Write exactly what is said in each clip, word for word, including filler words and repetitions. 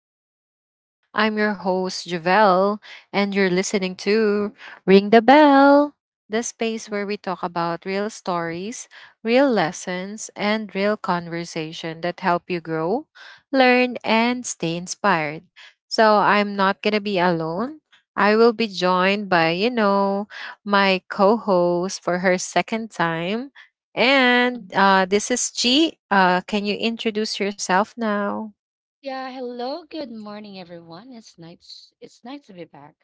the show. I'm your host, Javelle, and you're listening to Ring the Bell, the space where we talk about real stories, real lessons, and real conversation that help you grow, learn, and stay inspired. So I'm not going to be alone. I will be joined by, you know, my co host for her second time. And Mhm. uh, this is Chi. Uh, can you introduce yourself now? Yeah, hello, good morning, everyone. It's nice. It's nice to be back.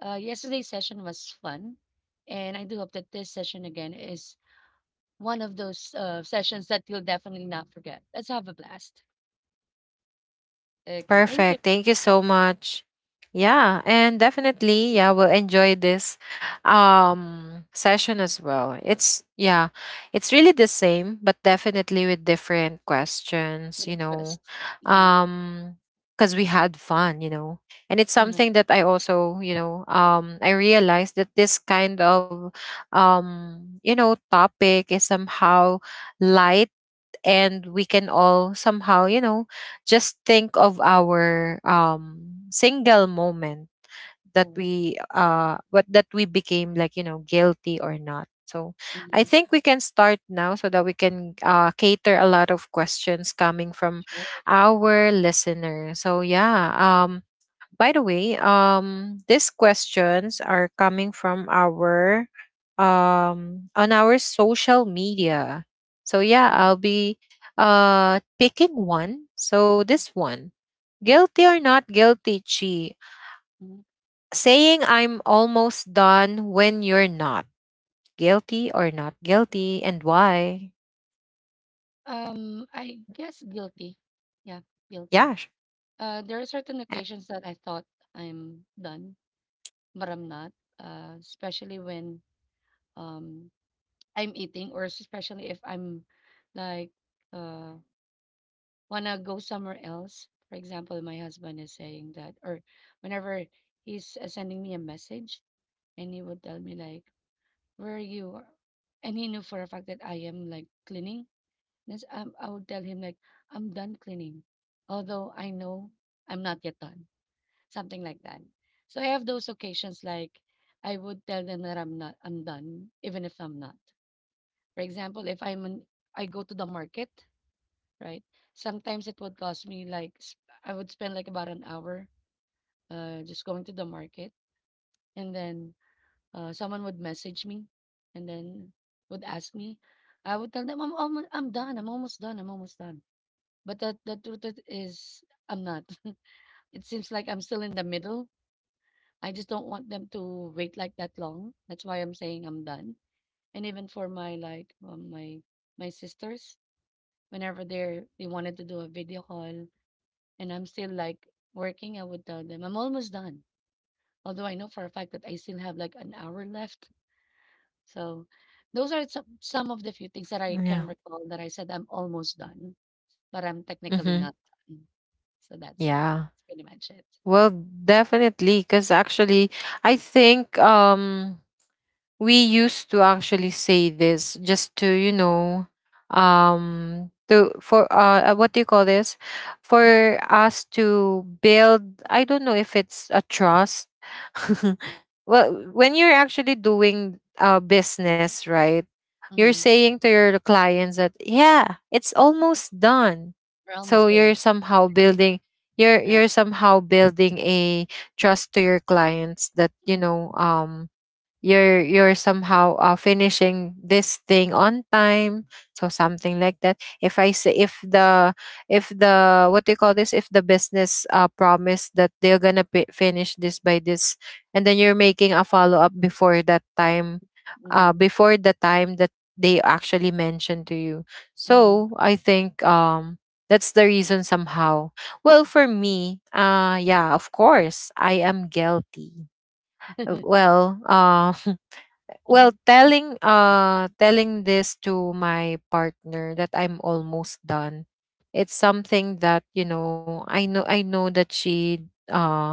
Uh, yesterday's session was fun, and I do hope that this session again is one of those uh, sessions that you'll definitely not forget. Let's have a blast. Okay, thank you Perfect. Thank you so much. Yeah, and definitely, yeah, we'll enjoy this um session as well. It's yeah, it's really the same, but definitely with different for questions, the you know. twist. Mm. Um because we had fun, you know. And it's Uh-huh. something that I also, you know, um I realized that this kind of um, you know, topic is somehow light, and we can all somehow, you know, just think of our um single moment that Yeah. we uh what that we became, like, you know, guilty or not. So I Mhm. think we can start now so that we can, uh, cater a lot of questions coming from Sure. our listeners. So yeah, um by the way, um, these questions are coming from our um on our social media. So yeah, Mhm. I'll be uh picking one. So this one. Guilty or not guilty, Chi. Mhm. Saying I'm almost done when you're not. Guilty or not guilty and why? Um, I guess guilty. Yeah, guilty. Yeah. Sh- Uh, there are certain eh, occasions that I thought I'm done, but I'm not. Uh, especially when um I'm eating or especially if I'm like uh wanna go somewhere else. For example, my husband is saying that or whenever he's uh, sending me a message and he would tell me like, "Where are you?" or- and he knew for a fact that I am like cleaning. This um, I would tell him like, "I'm done cleaning," although I know I'm not yet done. Something like that. So I have those occasions like I would tell them that I'm not I'm done even if I'm not. For example, if I'm an, I go to the market, right? Sometimes it would cost me like s- I would spend like about an hour uh just going to the market and then uh someone would message me and then would ask me. I would tell them I'm almost I'm done. I'm almost done. I'm almost done. But the the truth it is I'm not. It seems like I'm still in the middle. I just don't want them to wait like that long. That's why I'm saying I'm done. And even for my like um, my my sisters, whenever they're they wanted to do a video call and I'm still like working, I would tell them I'm almost done. Although I know for a fact that I still have like an hour left. So those are some some of the few things that I can Yeah. recall that I said I'm almost done, but I'm technically Mm-hmm. not done. So that's it. Yeah. That's pretty much it. Well, definitely, because actually, I think um we used to actually say this just to, you know, um to for uh uh, what do you call this, for us to build, I don't know if it's a trust. Well, when you're actually doing uh business, right, you're Hmm. saying to your clients that yeah, it's almost done. We're almost So you're there. somehow Like building, you're that. you're somehow building a trust to your clients that, you Right. know, um you're you're somehow uh, finishing this thing Mm-hmm. on time, so something like that. If I say, if the, if the, what do you call this, if the business, uh, promise that they're gonna pi- finish this by this, and then you're making a follow-up before that time, uh, Mm-hmm. before the time that they actually mentioned to you. Mm-hmm. So I think um that's the reason somehow. Well, for me, uh yeah, of course, I am guilty. Uh, well uh Mm-hmm. well, telling uh telling this to my partner that I'm almost done. It's something that, you know, I know I know that she uh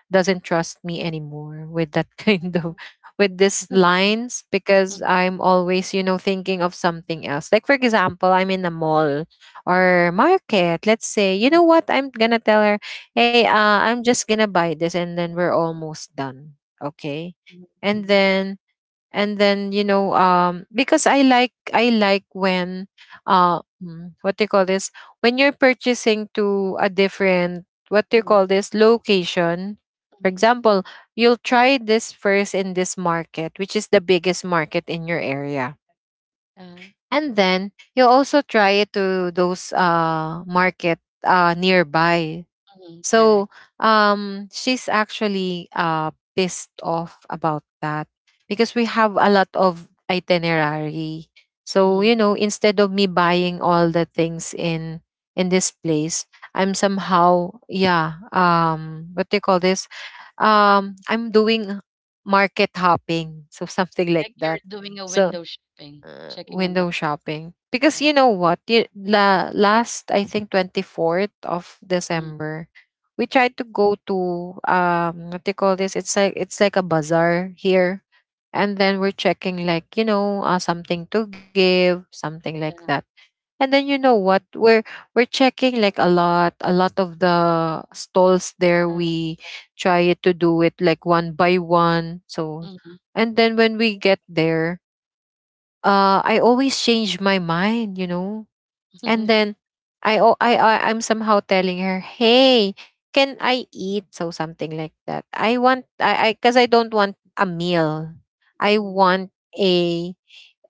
doesn't trust me anymore with that kind of, with these lines, because I'm always, you know, thinking of something else. Like, for example, I'm in a mall or market, let's say, you know what? I'm gonna tell her, "Hey, uh I'm just gonna buy this and then we're almost done." Okay? And then and then, you know, um because i like I like when uh mm, what do you call this, when you're purchasing to a different, what do you call this, location. For example, you'll try this first in this market, which is the biggest market in your area, and then you'll also try it to those uh market uh nearby. Correct. So um, she's actually uh, pissed off about that, because we have a lot of itinerary. So, you Mm-hmm. know, instead of me buying all the things in in this place, I'm somehow, yeah, um what do you call this? Um, I'm doing market hopping, so something like Like you're that. doing a So window shopping, uh, checking on the window prices, shopping, because right? you know what, you, la, last, I think, twenty-fourth of Mm, December, we tried to go to um what do you call this, it's like, it's like a bazaar here, and then we're checking, like, you know, uh, something to give, something like yeah. that. And then, you know what, we're we're checking like a lot, a lot of the stalls there. Uh, We try to do it like one by one. So, mhm. and then when we get there, uh, I always change my mind, you know. And then I, al- I I I'm somehow telling her, "Hey, can I eat?" So something like that. I want, I I, because I don't want a meal. I Mhm. want a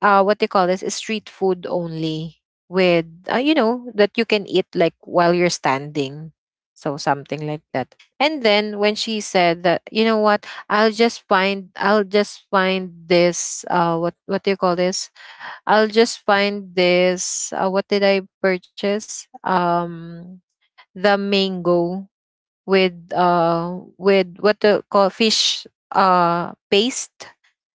uh what they call this is street food only with, uh, you know, that you can eat like while you're standing. So something like that. And then when she said that, you know what? I'll just find I'll just find this, uh what what do you call this? I'll just find this. Uh, what did I purchase? Um, the mango with uh with what the call fish uh paste,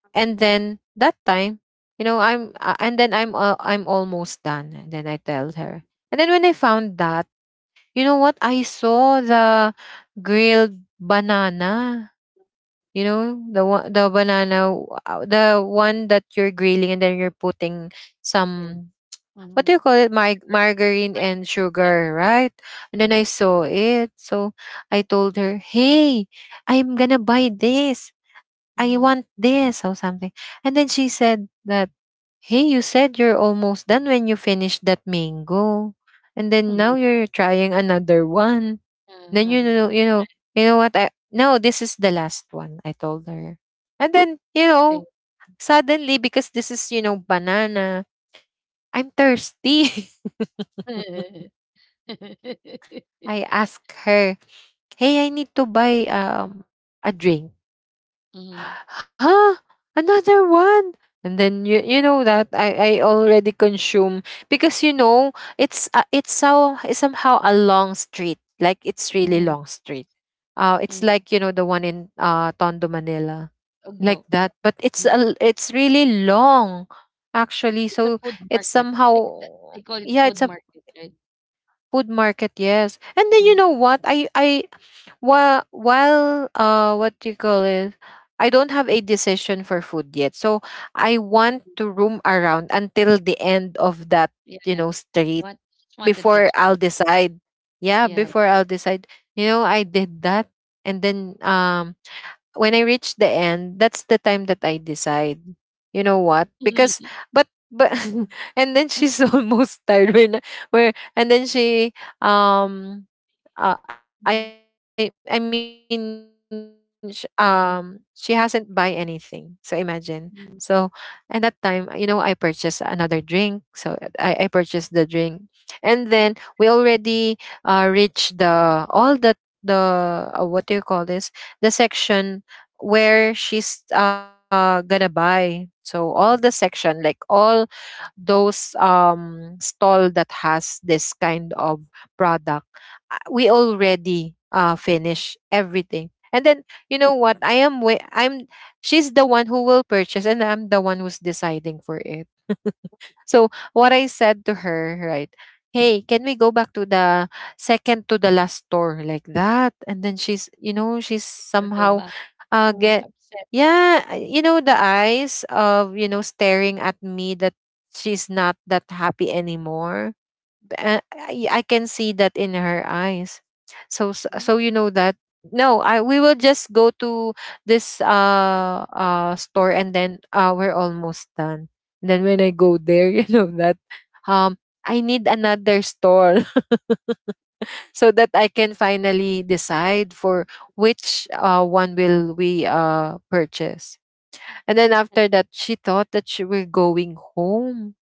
and then that time, you know, I'm uh, and then I'm uh, I'm almost done, and then I tell Mhm. her. And then when I found that, you know what, I saw the grilled banana. You know the one, the banana, uh, the one that you're grilling, and then you're putting Yes. some, what do Mhm. you call it? Mar- Sugar margarine and country. Yes. sugar, right? And then I Mhm. saw it. So I told her, hey, I'm gonna buy this. I Mhm. want this or something. And then she said that, hey, you said you're almost done when you finished that mango. And then Mhm. now you're trying another one. Uh, Then uh-huh. you know, you I know, you know what? I no, this is the last one, I told her. And then, you see. know, suddenly, because this is, you know, banana, I'm thirsty. I asked her, "Hey, I need to buy um a drink." Mhm. Huh? Another one? And then you you know that I I already consume, because, you know, it's, uh, it's so, it's somehow a long street. Like, it's really Mhm. long street. Uh it's Mhm. like, you know, the one in uh Tondo Manila. Ugbo. Like Yeah. that, but Mhm. it's a, l- it's really long actually. It's a So food it's market. I think somehow, that they call it yeah, food it's market, right? food market, yes. And then Mhm. you know what? I I while while uh what do you call it? I don't have a decision for food yet. So I want to roam around until the end of that, Yeah. you You know, know street, what? Just wanted to before check. I'll decide. Yeah, Yes. before Yeah. I'll decide. You know, I did that, and then um when I reach the end, that's the time that I decide. You know what? Because, but but and then she's almost tired. When where, and then she um uh, I I mean, Mhm. sh- um she hasn't buy anything. So Mhm. imagine. So, and that time, you know, I Mhm. purchased another drink. So I I purchased the drink. And then we already uh reached the all the the uh, what do you call this, the section where she's uh gonna buy. So all the section, like all those um stall that has this kind of product, uh, we already uh finish everything. And then you know what? I am wa- I'm she's the one who will purchase, and I'm the one who's deciding for it. So what I said to her, right? Hey, can we go back to the second to the last store, like that? And then she's, you know, she's I'll go somehow back. uh Mm, get upset. yeah, uh, you know, the eyes of, you know, staring at me, that she's not that happy anymore. uh, I, I can see that in her eyes. So s- Mhm, so you know that, no, I we will just go to this uh uh store and then uh we're almost done. Then when I go there, you know that, um I need another store so that I can finally decide for which uh one will we uh purchase. And then and after that, she thought that she were going home.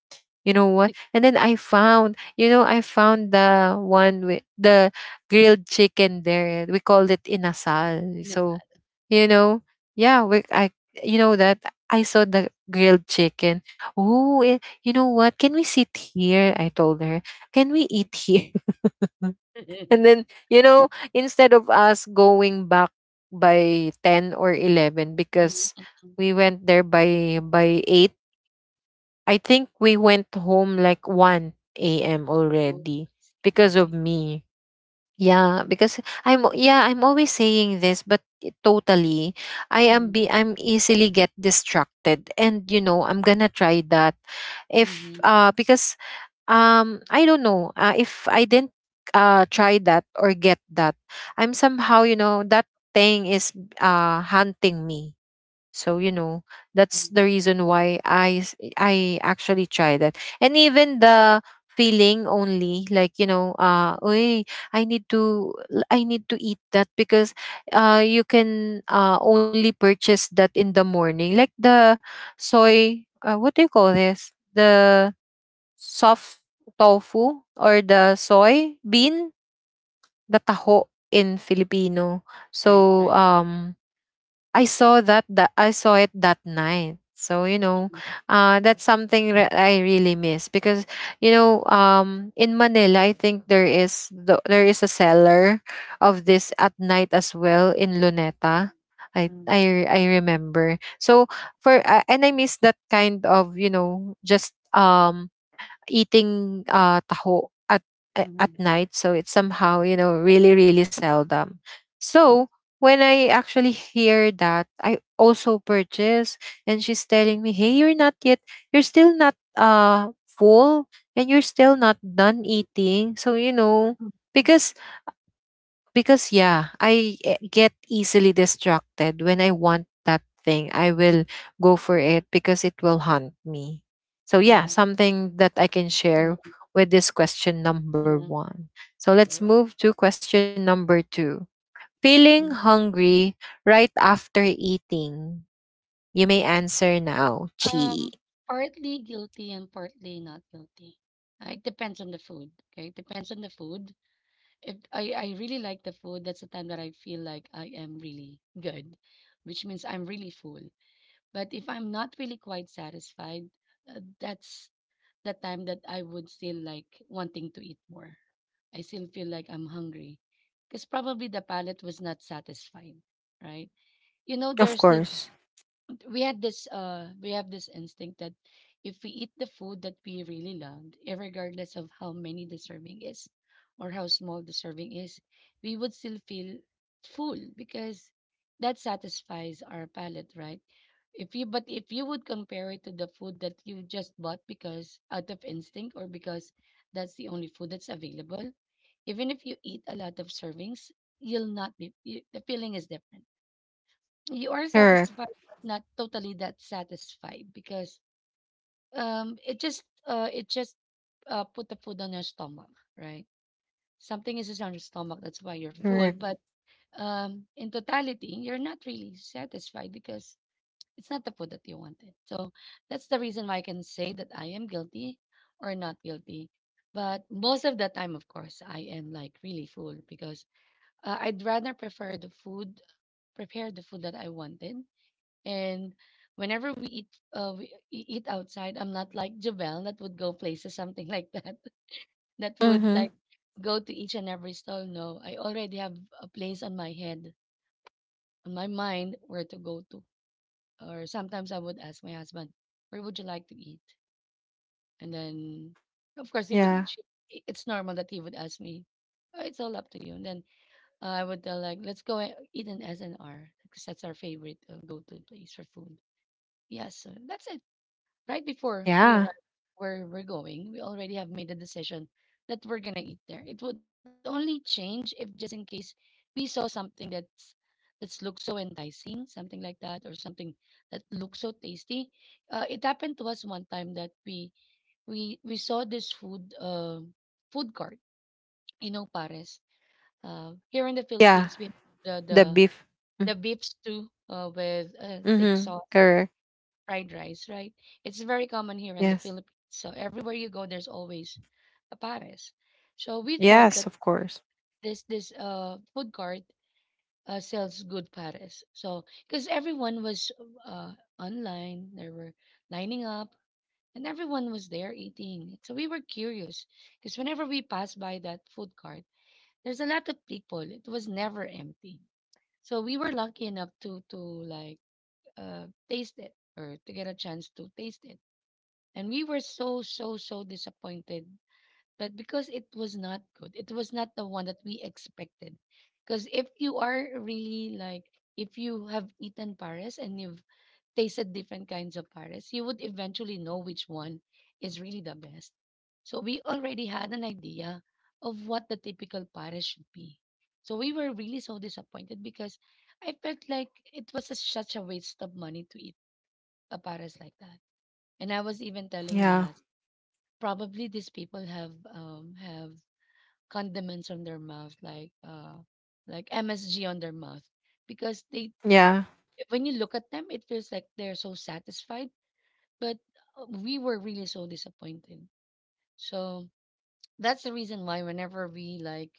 You know what? sick And then I found, you know, I found the one with the grilled chicken there. We called it inasal. and So, sad. you know, yeah, we I, you know that, I saw the grilled chicken. Oh, eh, you know what? Can we sit here, I told her. Can we eat here? And then, you know, instead of us going back by ten or eleven, Mhm. because Mm. Mm. we went there by by eight, I think we went home like one a m Oh, already, I see, I because of see, me. I Yeah, see. because I'm, yeah, I'm always saying this, but it- totally I am Mm. be I'm easily get distracted, and, you know, I'm going to try that if, Mhm. uh because um I don't know, uh, if I didn't uh try that or get that, I'm somehow, you know, that thing is uh hunting me. So you know, that's Mm. the reason why I s- I actually try that, and even the feeling only, like, you know, uh Oy, I need to l- I need to eat that, because uh you can uh only purchase that in the morning, like the soy, uh, what do you call this, the soft tofu, or the soy bean, the taho in Filipino. Right, So right. um I saw that, that I saw it that night. So you know, Mhm. uh, that's something re- I really miss because you know, um, in Manila, I think there is the, there is a seller of this at night as well in Luneta. I Mm. I I remember. So for uh, and I miss that kind of you know just um eating, uh, taho at a- at Mhm. night. So it's somehow, you know, really, really seldom. So when I actually hear that, I also purchase, and she's telling me, "Hey, you're not yet you're still not uh full, and you're still not done eating." So, you know, Mhm. because because yeah, i eh, get easily distracted. When I want that thing, I will go for it because it will haunt me. So yeah, Yes. something that I can share Mhm, with this question number yeah, one. So number let's one. move to question number two: feeling Mm. hungry right after eating. You may answer now, Um, Chi. Partly guilty and partly not guilty. Uh, it depends on the food, okay? It depends on the food. If I I really like the food, that's the time that I feel like I am really good, which means I'm really full. But if I'm not really quite satisfied, uh, that's the time that I would still like wanting to eat more. I still feel like I'm hungry because probably the palate was not satisfied, right? You know, Of there's this course. don't we had this uh we have this instinct that if we eat the food that we really loved, regardless of how many the serving is or how small the serving is, we would still feel full because that satisfies our palate, right? If you but if you would compare it to the food that you just bought because out of instinct or because that's the only food that's available, even if you eat a lot of servings, you'll not be you, the feeling is different. You are satisfied, Correct. but not totally that satisfied because um it just uh it just uh put the food on your stomach, right? Something is just on your stomach, that's why you're full. But Correct. um in totality, you're not really satisfied because it's not the food that you wanted. So that's the reason why I can say that I am guilty or not guilty. But most of the time, of course, I am like really full because uh, I'd rather prefer the food, prepare the food that I wanted and whenever we eat, uh, we e- eat outside. I'm not like Javel that would go places, something like that, that would like Mm-hmm. go to each and every stall. No, I already have a place on my head, on my mind, where to go to. Or sometimes I would ask my husband, where would you like to eat? And then, of course, he would, she, Yeah, I- it's normal that he would ask me, "Oh, it's all up to you." And then uh, I would tell like, let's go e- eat an S and R because that's our favorite uh, go-to place for food. Yes, so that's it. Right before we arrive yeah, where we're going, we already have made a decision that we're gonna eat there. It would only change if just in case we saw something that's that's looks so enticing, something like that, or something that looks so tasty. Uh, it happened to us one time that we we we saw this food uh, food cart in Opares. Uh, here in the yeah, Philippines, we have the the the beef. the beef stew uh, with uh, thick Mm-hmm, sauce correct. fried rice, right? It's very common here in the Yes. Philippines. So everywhere you go, there's always a pares. So we thought that Yes, of course. this this uh food court uh, sells good pares. So because everyone was uh online, they were lining up, and everyone was there eating. So we were curious because whenever we passed by that food court, there's a lot of people. It was never empty. So we were lucky enough to to like uh taste it or to get a chance to taste it. And we were so, so, so disappointed. But because it was not good, it was not the one that we expected. Because if you are really like, if you have eaten Paris and you've tasted different kinds of Paris, you would eventually know which one is really the best. So we already had an idea of what the typical Paris should be. So we were really so disappointed because I felt like it was a, such a waste of money to eat a Paris like that. And I was even telling my Yeah. husband, probably these people have um have condiments on their mouth like uh like M S G on their mouth because they Yeah. when you look at them it feels like they're so satisfied but uh, we were really so disappointed. So that's the reason why whenever we like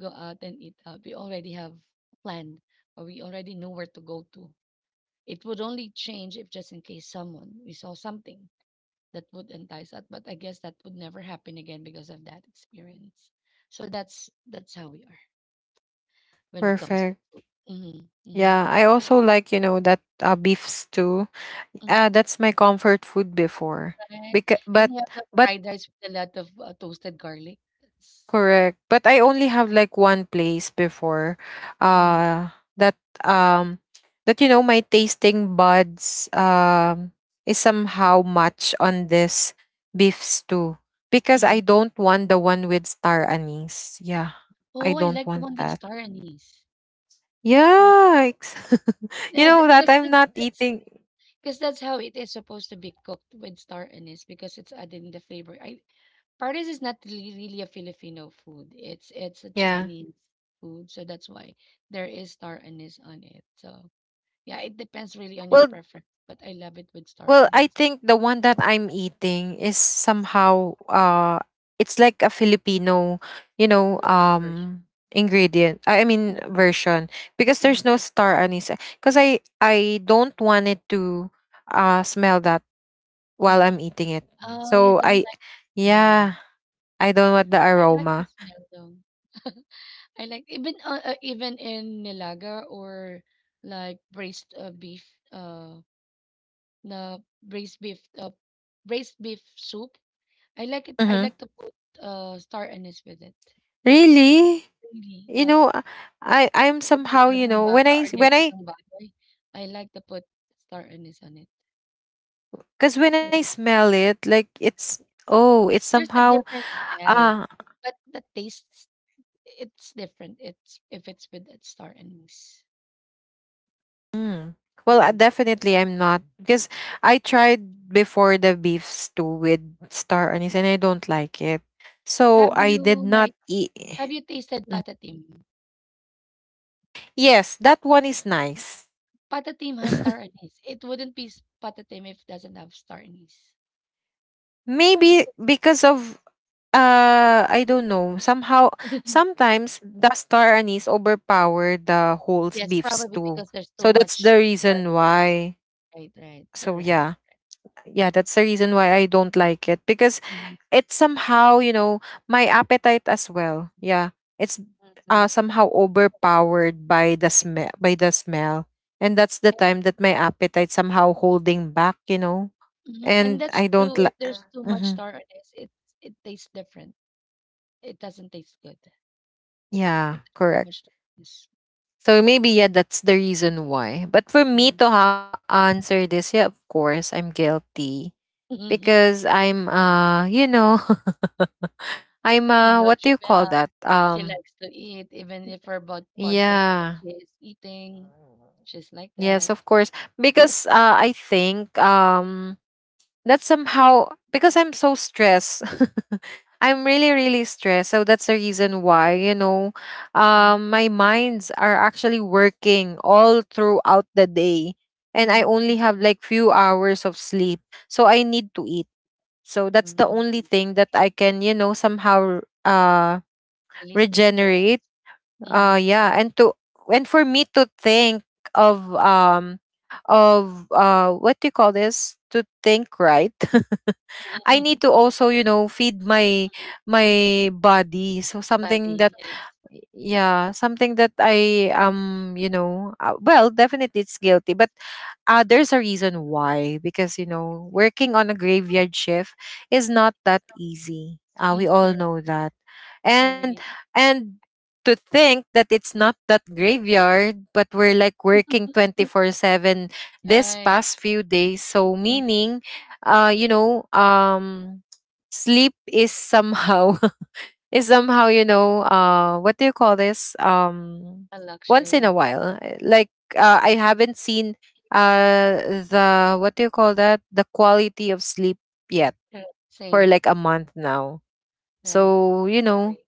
go out and eat out we already have planned or we already know where to go to. It would only change if just in case someone we saw something that would entice us. But I guess that would never happen again because of that experience. So that's that's how we are when it comes to Perfect. food. Mm-hmm. Mm-hmm. Yeah, I also like, you know, that uh, beef stew. Mm-hmm. Uh, that's my comfort food before. Right. Because And but you have the but fried rice with a lot of uh, toasted garlic. That's so. correct. But I only have like one place before. Mm-hmm. Uh that um that, you know, my tasting buds um is Mm-hmm. somehow much on this beef stew. Because I Mm-hmm. don't want the one with star anise. Yeah. I Oh, I don't like want the one that. with star anise. Really. Yikes. You Yeah, know that that because I'm that's not that's eating. because that's how it is supposed to be cooked with star anise because it's adding the flavor. I Pares is not really, really a Filipino food. It's it's a Yeah. Chinese food, so that's why there is star anise on it. So yeah, it depends really on your Well, preference, but I love it with star well, I anise. think the one that I'm eating is somehow uh it's like a Filipino, you The know, local version. um ingredient. I I mean version because Mm. there's no star anise, because I I don't want it to uh smell that while Mm. I'm eating it. Oh, you So don't I, like the smell, yeah, I don't want the but I like the aroma. smell though. I like even uh, uh, even in Nilaga or like braised uh, beef. Uh, the braised beef uh, Braised beef soup. I like it. I Mhm. like to put uh, star anise with it. Really? Really, you yeah. know uh, i i'm Like somehow, you nilagang know, when baka i or when i nilagang baboy. I like to put star anise on it. because when I I don't like. smell it, like, it's, oh, it's There's a somehow, different smell, ah, but the taste it's different. It's If it's with that star anise. mm. Well, uh, Mm. definitely I'm not because I tried before the beef stew with star anise and I don't like it, so Have I did you not like eat. have you tasted patatim? Yes, that one is nice. Patatim has star anise. It wouldn't be s- patatim if it doesn't have star anise. Maybe Yes. because of, Uh, I don't know. Somehow, sometimes the star anise overpower the whole Yes, beefs probably too. because there's too So that's much the reason starches. why. Right, right. You're So right. yeah, yeah, that's the reason why I don't like it because Mhm. it's somehow, you know, my appetite as well. Yeah, it's uh Mhm. somehow overpowered by the smell, by the smell, and that's the Yep. time that my appetite somehow holding back. You know, Mhm. And and that's I don't true. If like. there's too much Hmm. star on this, it it tastes different. It doesn't taste good. Yeah, If there's too correct. much starches. So maybe yeah, that's the reason why. But for me Hmm. to ha- answer this, yeah, of course I'm guilty because I'm uh you know, I'm You uh know, what do you call Jabelle, that? she Um likes to eat, even if her bod podcast that Yeah. she is eating, she's like Yes, that. of course. Because uh I think um that's somehow because I'm so stressed. I'm really, really stressed. So that's the reason why, you know, Mm. um, my minds are actually working all throughout the day. And I Mm-hmm. only have like few hours of sleep. So I need to eat. So that's the only thing that I can, you know, somehow uh Release the regenerate. stress. Mm-hmm. Uh yeah. And to, and for me to think of um of uh what do you call this? To think, right. I need to also, you know, feed my my body. So something Body, that, yes. yeah, something that I um you know uh, well, definitely it's guilty, but uh there's a reason why, because, you know, working on a graveyard shift is not that easy, uh Mm, we all correct. know that. and Agree. and to think that it's not that graveyard, but we're like working Mm, twenty four seven this right. past few days. So Mm, meaning uh you know, um sleep is somehow is somehow you know, uh what do you call this? um a Once in a luxury. while, uh, like, uh, I haven't seen uh the, what do you call that, the quality of sleep yet, Correct. for Same. like a month now. Right. So you know, Agree.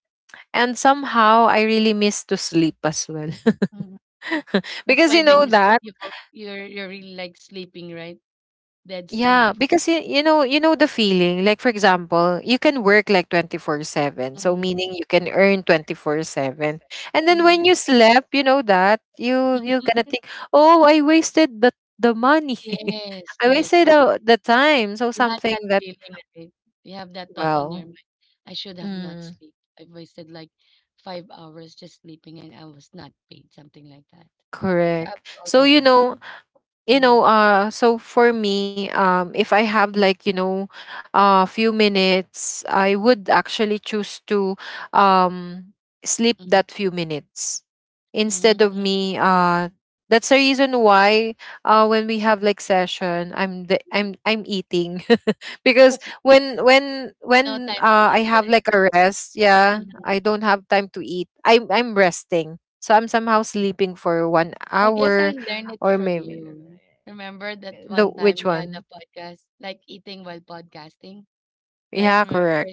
and somehow I really miss to sleep as well. Mhm. That's Because why you when know you sleep, that, you both, you're you're really like sleeping, right? Dead sleep. yeah, because y- you know, you know the feeling. Like, for example, you can work like twenty four seven. So Hmm. meaning you can earn twenty four seven. And then Hmm. when you slept, you know that, you you're gonna think, "Oh, I wasted the the money. Yes. I Yes. wasted Correct. the, the time." So You had something that that, feeling, right? You have that thought on your well, mind. I should have not mm, sleep. I wasted like five hours just sleeping, and I was not paid. Something like that. So I correct. was So also you that. know, you Mm-hmm. know, uh so for me, um if I have like, you know, a few minutes, I would actually choose to um sleep that few minutes instead of Mm-hmm. me uh that's the reason why, uh when we have like session, I'm the I'm I'm eating because when when No when time to uh i eat, have right? like a rest, yeah, Mm-hmm. I don't have time to eat, i'm I'm resting, so I'm somehow sleeping for one I guess hour I learned it or from maybe you. Remember that the, one time which we had one? a podcast, like eating while podcasting, right? Yeah, Remember, correct.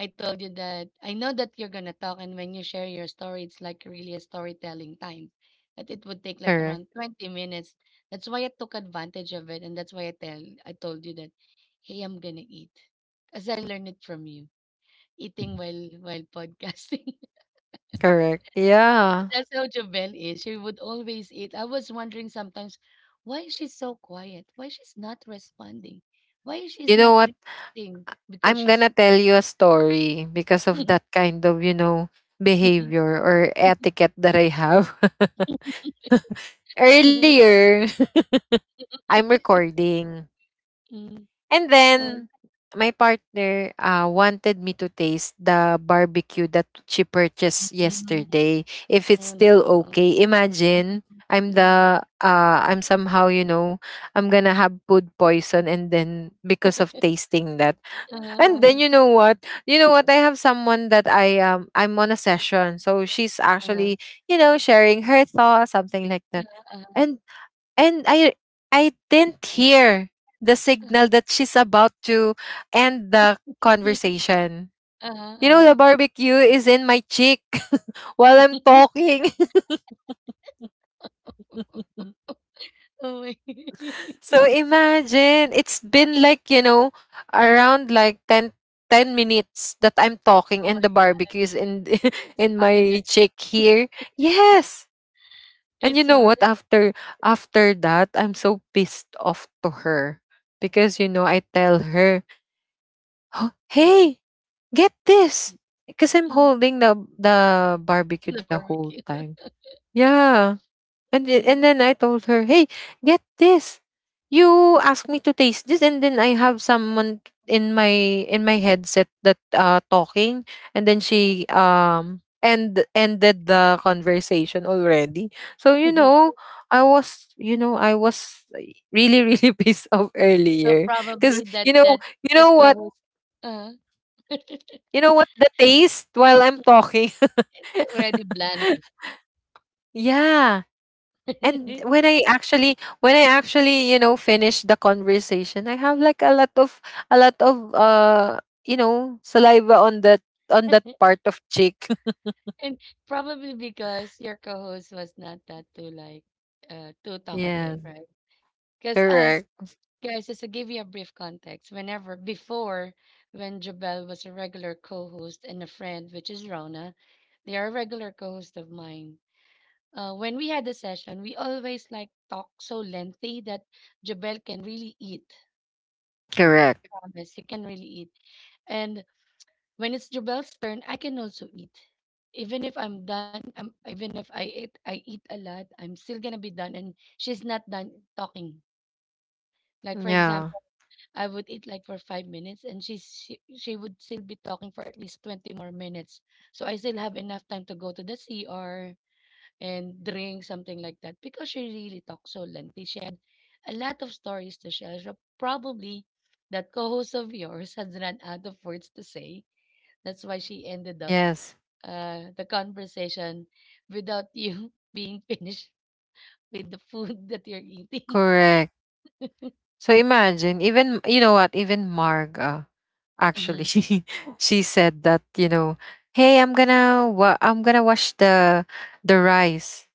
I told you that I know that you're gonna talk, and when you share your story, it's like really a storytelling time. That it would take like Correct. around 20 minutes. That's why I took advantage of it, and that's why I tell I told you that, hey, I'm gonna eat, as I learned it from you, eating while while podcasting. Correct. Yeah. That's how Jovel is. She would always eat. I was wondering sometimes, why is she so quiet? Why she's not responding? Why she's You know not what? reacting? Because I'm she's. gonna tell you a story because of that kind of, you know, behavior or etiquette that I have. Earlier, I'm recording. Mm. And uh, then my partner uh, wanted me to taste the barbecue that she purchased mm. yesterday, if it's Oh, that's still gross. okay. Imagine, I'm Mm. the uh, I'm somehow, you know, I'm gonna have food poison, and then because of tasting that. And uh, then, you know what, you know what, I have someone that I um I'm on a session, so she's uh, actually, you know, sharing her thoughts, something like that. And and I I didn't hear the signal that she's about to end the conversation. You know, the uh, barbecue is in my cheek while I'm talking. Oh my. So imagine, it's been like, you know, around like ten, ten minutes that I'm talking, Oh my, and the barbecue is in in stuck in the my chick. cheek here. Yes. And you It's know hard. what? After after that, I'm so pissed off to her, because, you know, I tell her, "Huh, uh, hey, get this!" Because I'm mm. holding the the barbecue The the whole barbecue. time. Yeah, and the- Mm, and then I told her, "Hey, get this! You asked me to taste this, and then I have someone in my in my headset that uh talking, and then mm. she um and ended the conversation already." So you know, I was, you know, I was really really pissed off So earlier, because, probably that you know, that you that know what co-host. Uh-huh. you know what, the taste while I'm talking. It's already bland. Yeah. And when I actually, when I actually, you know, finish the conversation, I have like a lot of, a lot of uh you know, saliva on that, on that part of cheek. And probably because your co-host was not that too like uh too talkative, Yeah. right? Because us Correct. guys, just to give you a brief context, whenever before when Jabel was a regular co-host and a friend, which is Rona, they are a regular co-host of mine. Uh, when we had the session, we always like talk so lengthy that Jabel can really eat. Correct. I promise, he can really eat. And when it's Jubel's turn, I can also eat. Even if I'm done, I'm, even if I eat, I eat a lot, I'm still gonna be done, and she's not done talking. Like for Yeah. example, I would eat like for five minutes, and she's she, she would still be talking for at least twenty more minutes. So I still have enough time to go to the C R and drink something like that because she really talks so lengthy. She had a lot of stories to share. So probably that co-host of yours has run out of words to say. That's why she ended up Yes. uh, the conversation without you being finished with the food that you're eating. Correct. So imagine, even, you know what, even Marga actually hmm she she said that, you know, "Hey, I'm gonna wa- I'm gonna wash the the rice,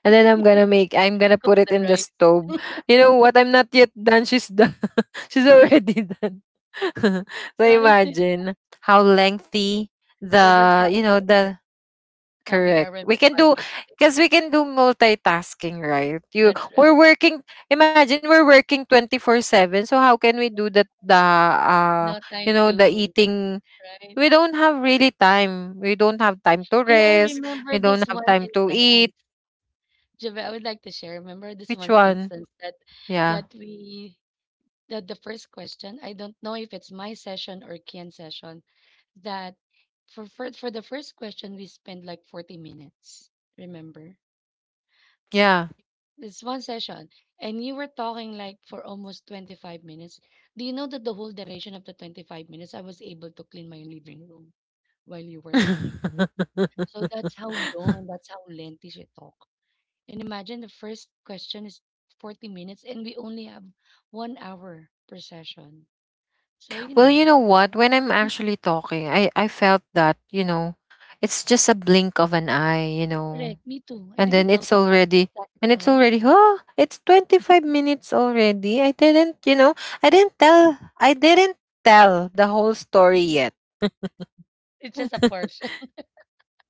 and then I'm gonna make, I'm gonna Cook put the it in the rice, stove." You know what? I'm not yet done. She's done. She's already done. So right? imagine how lengthy So that's the, how you we know, are, the, how we correct. are We Remit can do, Podcast. because we can do multitasking, right? You, That's right. we're working. Imagine we're working twenty four seven. So how can we do that? The uh No you time know, the to, eating. right? We don't have really time. We don't have time to Hey, I rest. remember We this don't have one time to eat. instance. Javel, I would like to share. Remember this Which one one? instance that Yeah. that we that the first question. I don't know if it's my session or Kian's session that for, for for the first question. We spent like forty minutes. Remember, Yeah. it's one session, and you were talking like for almost twenty-five minutes. Do you know that the whole duration of the twenty-five minutes I was able to clean my living room while you were talking? So that's how long, and that's how lengthy she talk. And imagine the first question is forty minutes, and we only have one hour per session. So you Well, know, you know what? When I'm actually talking, I I felt that, you know, it's just a blink of an eye, you know, correct, me too. I and then didn't it's notice already, it's that and long, it's right? already, oh, it's twenty five minutes already. I didn't, you know, I didn't tell, I didn't tell the whole story yet. It's just a portion.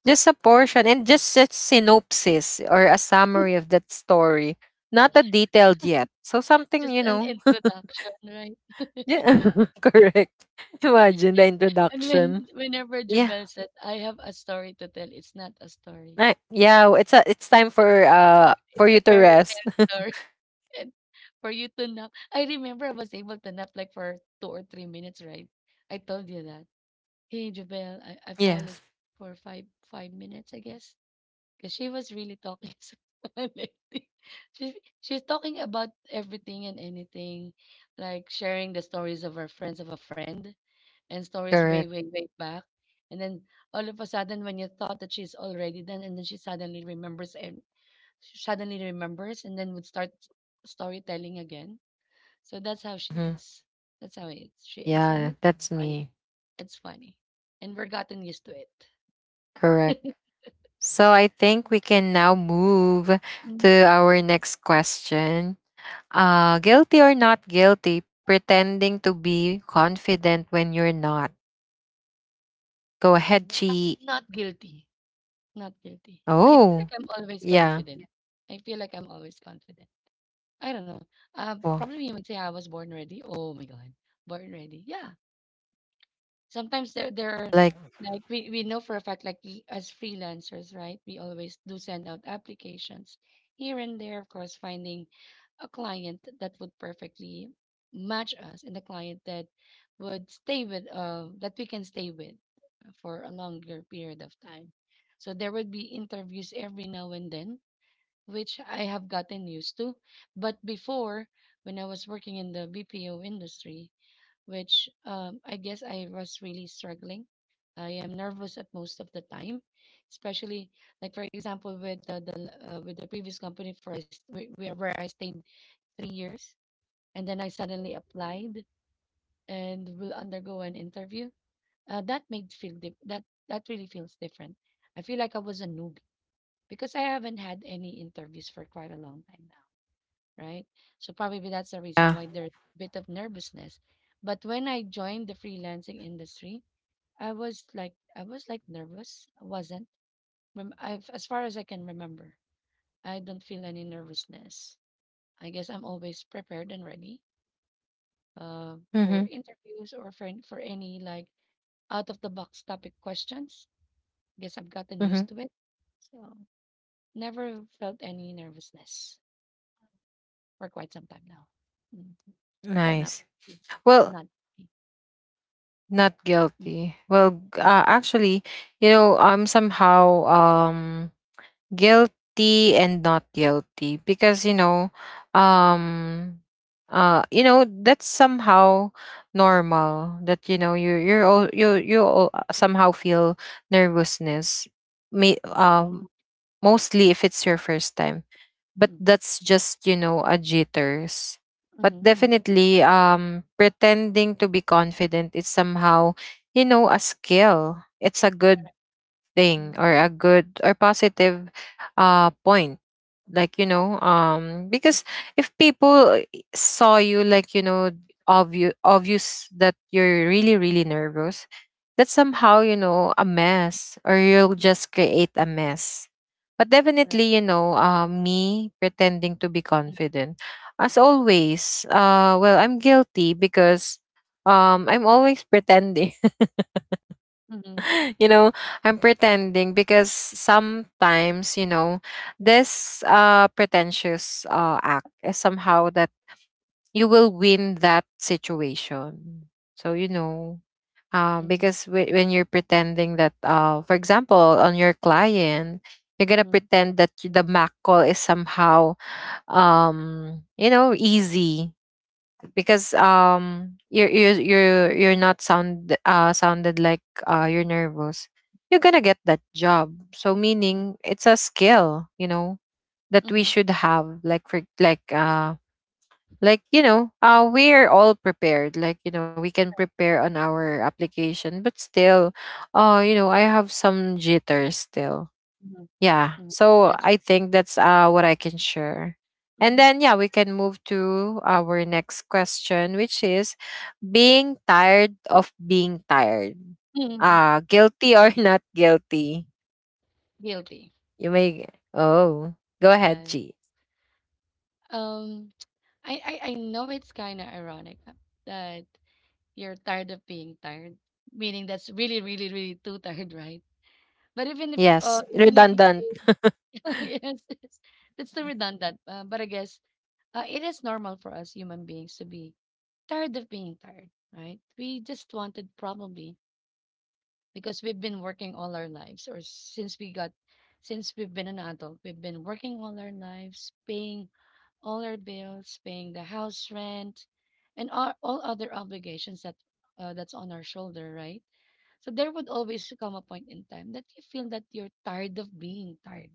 Just a portion, and just a synopsis or a summary of that story, not a detailed yet. So something, Just you an know, introduction, right? yeah, correct. Imagine the And introduction. when whenever Yeah, Jabel said, "I have a story to tell," it's not a story. I, yeah. It's a, it's time It's for not a uh story. for It's a you to fairy rest. tale story. And for you to nap, I remember I was able to nap like for two or three minutes, right? I told you that. Hey, Jabel, I I fall Yes, asleep for five five minutes, I guess, because she was really talking. So someone. She she's talking about everything and anything, like sharing the stories of her friends of a friend, and stories way, correct. way, way back. And then all of a sudden, when you thought that she's already done, and then she suddenly remembers, and she suddenly remembers, and then would start storytelling again. So that's how she Mhm. is. That's how it, she is, and Yeah, it's that's funny. me. It's funny, and we're gotten used to it. Correct. So I think we can now move to Mm. our next question. Uh, guilty or not guilty, pretending to be confident when you're not. Go ahead, Chi. Not guilty. Not guilty. I feel Oh, like I'm always yeah. confident. I feel like I'm always confident. I don't know. Uh, Well, Probably you would say I was born ready. Oh my god, born ready. Yeah, sometimes there there are, like, like, we, we know for a fact like we, as freelancers, right? We always do send out applications here and there, of course, finding a client that would perfectly match us and a client that would stay with uh that we can stay with for a longer period of time. So there would be interviews every now and then, which I have gotten used to. But before, when I was working in the B P O industry, which um, I guess I was really struggling. I am nervous at most of the time, especially like for example with the, the uh, with the previous company first where where I stayed three years, and then I suddenly applied and will undergo an interview. Uh, that made feel dif- that that really feels different. I feel like I was a newbie because I haven't had any interviews for quite a long time now, right? So probably that's the yeah. reason why there's a bit of nervousness. But when I joined the freelancing industry, I was like I was like nervous. I wasn't. Rem- I've, as far as I can remember, I don't feel any nervousness. I guess I'm always prepared and ready uh, Mm-hmm. for interviews or for an- for any like out of the box topic questions. Guess I've gotten Mm-hmm. used to it, so never felt any nervousness for quite some time now. Mm. So not, Nice. eh, Well, not. eh, not mm, guilty. Well, g- uh, actually, you know, I'm somehow, um guilty and not guilty because, you know, um uh you know, that's somehow normal that, you know, you you're all you you all uh, somehow feel nervousness, may um mm, mostly if it's your first time. But mm, that's just, you know, a jitters. mm, But mm, mm, definitely, um pretending to be confident is somehow, you know, a skill. It's a good mm, thing mm. or a good or positive uh point. Like, you know, um because if people eh, saw you like, you know, obvious, obvious that you're really, really nervous, that's somehow, you know, a mess, or you'll just create a mess. But Right. definitely, you know, uh, me pretending to be Mm. confident as Correct. always, uh well, I'm guilty, because um I'm always pretending. Mhm, You know, I'm pretending because sometimes, you know, this uh pretentious uh act is somehow that you will win that situation. So, you know, uh, mhm, because w- when you're pretending that uh for example, on your client, you're going to mhm, pretend that y- the Mac call is somehow um, you know, easy because um you're you're you're, you're not sound uh sounded like uh you're nervous. You're gonna get that job, so mhm, meaning it's a skill, you know, that we mhm. should have, like for like uh like you know uh we're all prepared, like, you know, we can prepare on our application, but still uh you know I have some jitters still. Mhm, Yeah, mm. so That's I right. think that's uh what I can share. And Mhm, then yeah, we can move to our next question, which is being tired of being tired. mhm. Ah, guilty or not guilty. Guilty. You may oh, go ahead, Yes. G. Um, I, I I know it's kind of ironic, uh, that you're tired of being tired, meaning that's really, really, really too tired, right? But even if uh Yes, even if you redundant. feel. Yes, yes, that's too redundant. Uh, but I guess uh, it is normal for us human beings to be tired of being tired, right? We just wanted probably because we've been working all our lives, or since we got since we've been an adult, we've been working all our lives, paying all our bills, paying the house rent, and all, all other obligations that uh, that's on our shoulder, right? So there would always come a point in time that you feel that you're tired of being tired.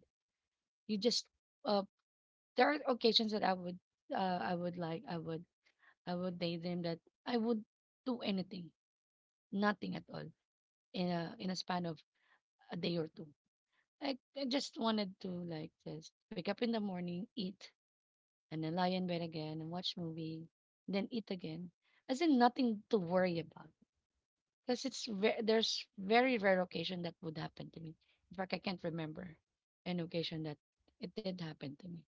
You just uh, there are occasions that i would uh, i would like i would i would daydream that I would do anything, nothing at all, in a in a span of a day or two. I, I just wanted to like just wake up in the morning, eat, and then lie in bed again and watch movie, then eat again. As in nothing to worry about. Because it's ve- there's very rare occasion that would happen to me. In fact, I can't remember an occasion that it did happen to me.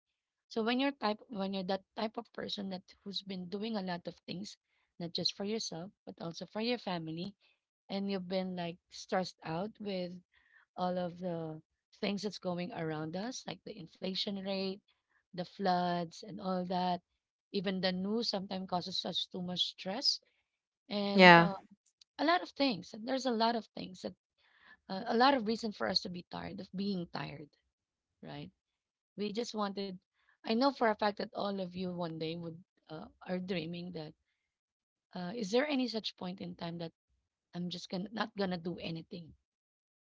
So when you're type when you're that type of person that who's been doing a lot of things, not just for yourself, but also for your family, and you've been like stressed out with all of the things that's going around us, like the inflation rate, the floods, and all that. Even the news sometimes causes us too much stress and uh, Yeah, a lot of things. And there's a lot of things that uh, a lot of reason for us to be tired of being tired, right? We just wanted. I know for a fact that all of you one day would uh, are dreaming that. Uh, is there any such point in time that I'm just gonna not gonna do anything,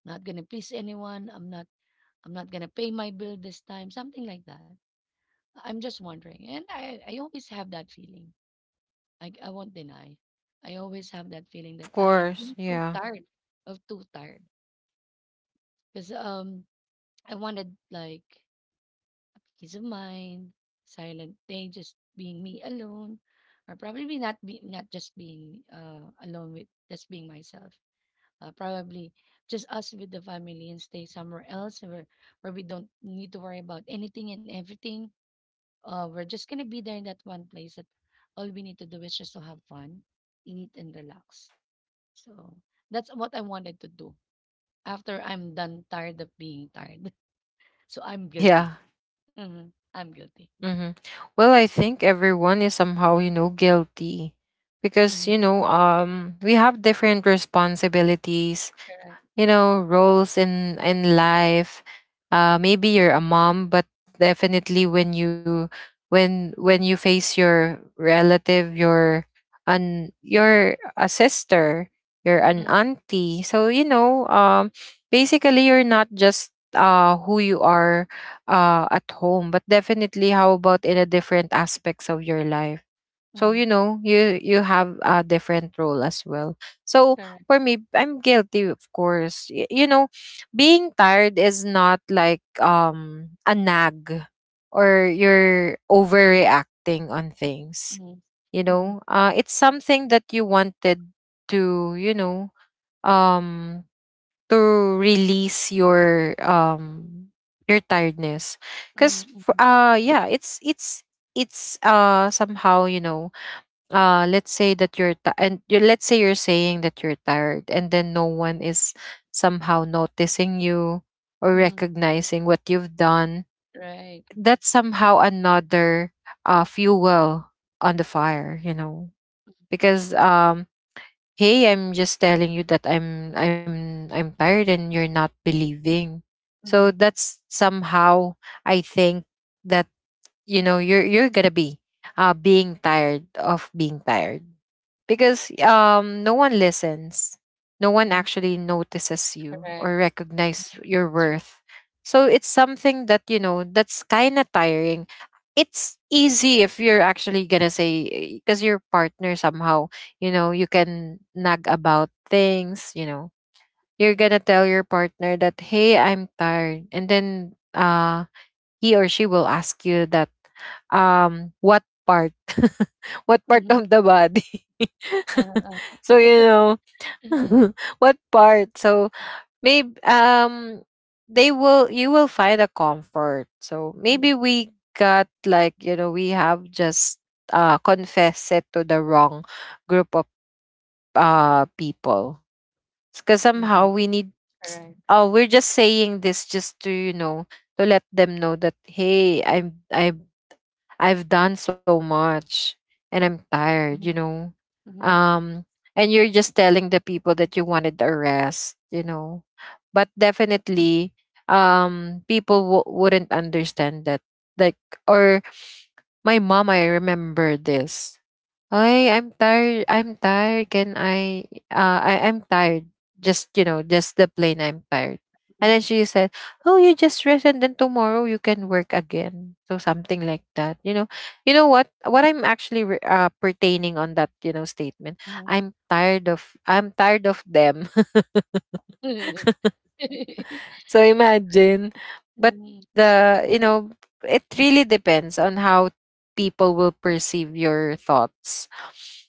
not gonna please anyone? I'm not I'm not gonna pay my bill this time, something like that. I'm just wondering, and I I always have that feeling. I I won't deny. I always have that feeling of that I am course. really too Yeah. tired of too tired because um I wanted like a peace of mind, silent day, just being me alone, or probably not be not just being uh alone with just being myself. Uh, probably just us with the family and stay somewhere else where where we don't need to worry about anything and everything. Uh, we're just gonna be there in that one place that all we need to do is just to have fun, eat and relax. So that's what I wanted to do after I'm done tired of being tired. So I'm guilty. Yeah. Mm-hmm. I'm guilty. Mm-hmm. Well, I think everyone is somehow, you know, guilty because, Mm-hmm. you know, um we have different responsibilities, Correct. you know, roles in in life. Uh maybe you're a mom, but definitely when you when when you face your relative, your an your a sister, you're an Mm. auntie, so you know, um basically you're not just uh who you are Correct. uh at home, but definitely how about in a different aspects of your life. So Mm-hmm. you know, you you have a different role as well. So Correct. for me, I'm guilty, of course. Y- you know, being tired is not like um a nag or you're overreacting on things. Mm-hmm. You Mm-hmm. know, uh, it's something that you wanted to, you know, um, to release your um your tiredness, Mm-hmm. because Mm-hmm. uh yeah, it's it's it's uh somehow, you know, uh let's say that you're ti and you, let's say you're saying that you're tired, and then no one is somehow noticing you or Mm-hmm. recognizing what you've done. Right. That's somehow another uh fuel on the fire, you know, because um hey, I'm just telling you that i'm i'm i'm tired and you're not believing. So Mm-hmm. that's somehow, I think, that you know you're you're gonna be uh being tired of being tired because um no one listens, no one Mm-hmm. actually notices you Correct. or recognize your True. worth. So it's something that, you know, that's kind of tiring. It's easy if you're actually gonna say because your partner somehow, you know, you can nag about things, you know. You're gonna tell your partner that hey, I'm tired, and then uh he or she will ask you that um what part what part Mm-hmm. of the body Uh, uh, so you know, what part. So maybe um they will, you will find a comfort. So mm-hmm. maybe we got, like, you know, we have just uh confessed it to the wrong group of uh people because Mm-hmm. somehow we need s- Correct. uh we're just saying this just to, you know, to let them know that hey, i'm i I've done so much and I'm tired, Mm-hmm. you know. Mm-hmm. Um, and you're just telling the people that you wanted a rest, you know. But definitely um people w- wouldn't understand that, like, or my mom, I remember this. Ay, I'm tired. I'm tired. Can I? Uh, I I'm tired. Just you know, just the plain, I'm tired. And then she said, "Oh, you just rest, and then tomorrow you can work again." So something like that. You know, you know what? What I'm actually re- uh, pertaining on that, you know, statement. Mm-hmm. I'm tired of. I'm tired of them. So Correct. imagine, but Mm-hmm. the, you know, it really depends on how people will perceive your thoughts.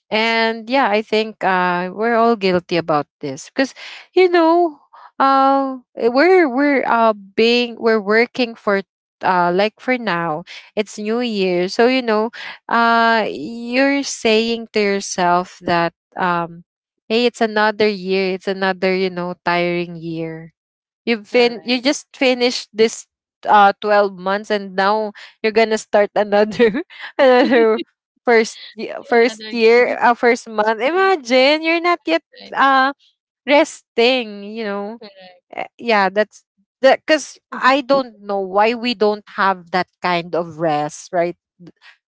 And yeah, I think uh we're all guilty about this because you know, uh we're we're uh being we're working for uh like for now it's new year, so you know, uh you're saying to yourself that um hey, it's another year, it's another, you know, tiring year. You've fin you Correct. just finished this uh twelve months, and now you're gonna start another another first ye- first Another year, correct, uh, first month. correct, Imagine you're not yet correct. uh resting, you know. Eh, yeah, that's that, because I don't know why we don't have that kind of rest, right?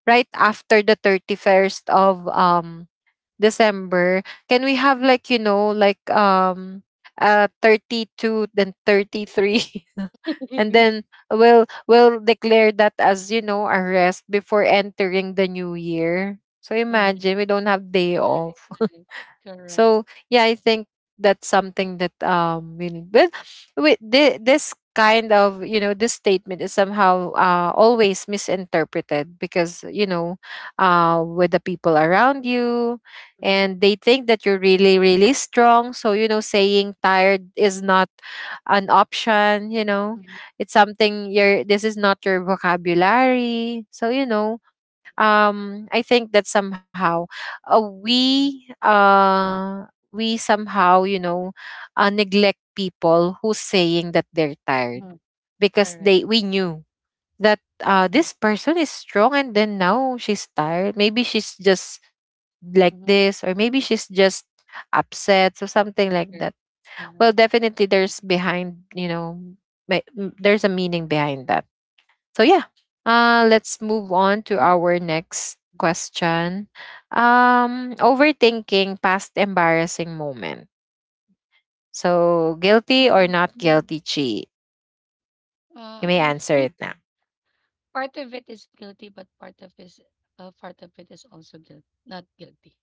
Right Correct. after the thirty-first of um December, can we have like, you know, like um uh thirty-two then thirty-three and then we'll we'll declare that as, you know, a rest before entering the new year. So Mhm. imagine we don't have day Right, off. right. Correct. So yeah, I think that's something that um we need. But with thi- this kind of, you know, this statement is somehow uh, always misinterpreted because, you know, uh, with the people around you, Mhm, and they think that you're really really strong. So you know, saying tired is not an option, you know. mhm, It's something your, this is not your vocabulary. So you know, um I think that somehow uh, we uh we somehow, you know, uh, neglect people who's saying that they're tired mhm. because Correct. they we knew that uh Mhm, this person is strong, and then now she's tired. Maybe she's just like mhm, this, or maybe she's just upset or something like correct. that. Uh-huh. Well definitely there's behind, you know, may- m- there's a meaning behind that. So yeah, uh, let's move on to Mm, our next question. Um, overthinking past embarrassing moment. So guilty mm, or not mm. guilty, Chi? Uh, You may I answer think it now. part of it is guilty, but part of is uh, part of it is also guilt, not guilty.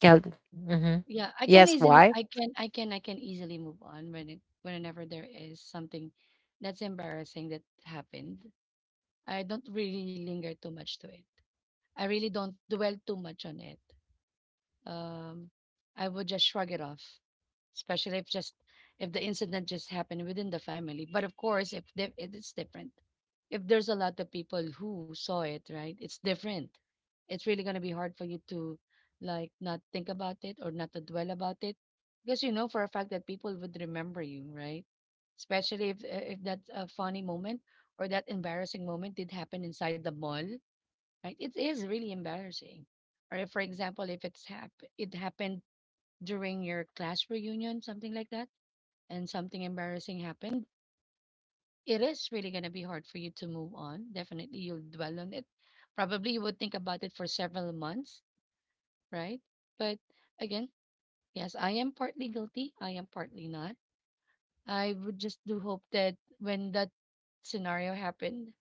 Guilty. Hmm. Yeah, I can Yes. easily, Why? I can, I can, I can easily move on when it, whenever there is something that's embarrassing that happened. I don't really linger too much to it. I really don't dwell too much on it. Um, I would just shrug it off, especially if just if the incident just happened within the family. But of course, if they, it is different, if there's a lot of people who saw it, right? It's different. It's really gonna be hard for you to like not think about it or not to dwell about it, because you know for a fact that people would remember you, right? Especially if if that uh, funny moment or that embarrassing moment did happen inside the mall, right? It is really embarrassing. Or if, for example, if it's hap it happened during your class reunion, something like that, and something embarrassing happened, it is really gonna be hard for you to move on. Definitely, you'll dwell on it. Probably you would think about it for several months, right? But again, yes, I am partly guilty. I am partly not. I would just do hope that when that scenario happened,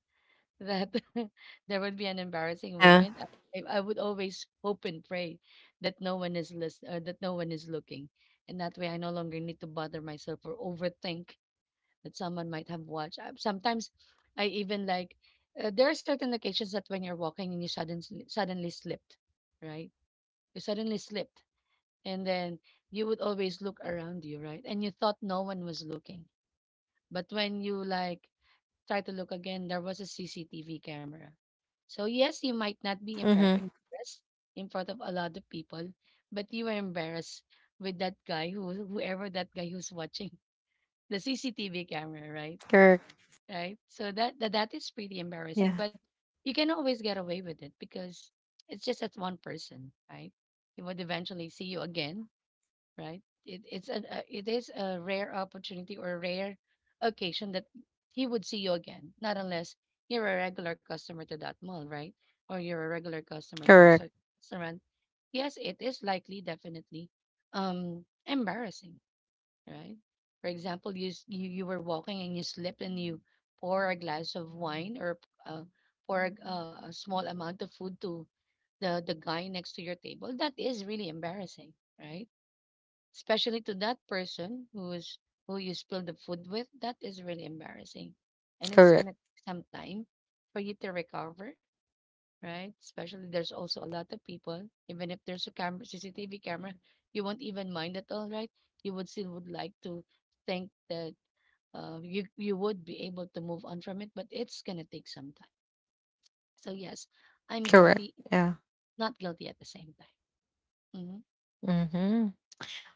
that there would be an embarrassing Yeah. moment. I, I would always hope and pray that no one is listen, uh, that no one is looking, and that way I no longer need to bother myself or overthink that someone might have watched. I, sometimes I even like uh, there are certain occasions that when you're walking and you suddenly suddenly slipped, right? You suddenly slipped, and then you would always look around you, right? And you thought no one was looking, but when you like try to look again, there was a C C T V camera. So, yes, you might Mm-hmm. not be embar- embarrassed in front of a lot of people, but you were embarrassed with that guy who, whoever that guy who's watching the C C T V camera, right? Correct. Right. So that, that that is pretty Yeah. embarrassing, but you can always get away with it because it's just that one person, right? He would eventually see you again, right? It, it's an uh, it is a rare opportunity or a rare occasion that he would see you again, not unless you're a regular customer to that mall, right? Or you're a regular customer to a Correct. certain restaurant. Yes, it is likely, definitely, um, embarrassing, right? For example, you s- you you were walking and you slip and you pour a glass of wine or uh, pour a, g- uh, a small amount of food to the the guy next to your table. That is really embarrassing, right? Especially to that person who is who you spilled the food with. That is really embarrassing, and it's gonna Correct. take some time for you to recover, right? Especially there's also a lot of people. Even if there's a camera, C C T V camera, you won't even mind at all, right? You would still would like to think that uh, you you would be able to move on from it, but it's gonna take some time. So yes, I'm guilty, Correct. Yeah. not guilty at the same time. Mm-hmm. Mm-hmm.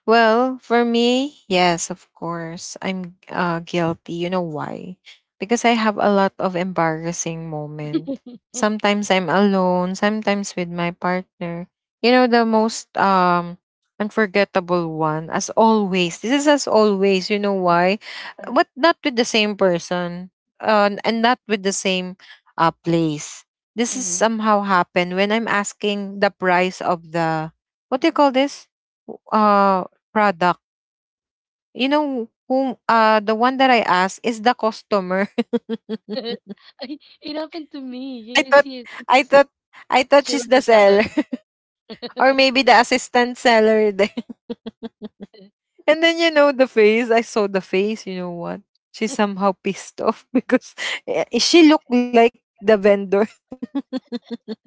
Well, for me, yes, of course. I'm uh, guilty. You know why? Because I have a lot of embarrassing moment. Sometimes I'm alone, sometimes with my partner. You know, the most um unforgettable one, as always. This is as always, you know why? Uh, But not with the same person. Uh, and not with the same uh place. This is mm-hmm. somehow happened when I'm asking the price of the what do you call this? Uh, product. You know whom uh the one that I asked is the customer. I It happened to me. I Yes, thought yes, I it's thought I thought she was she's the the teller. seller or maybe the assistant seller then. And then you know the face, I saw the face, you know what? She's somehow pissed off because eh, she looked like the vendor.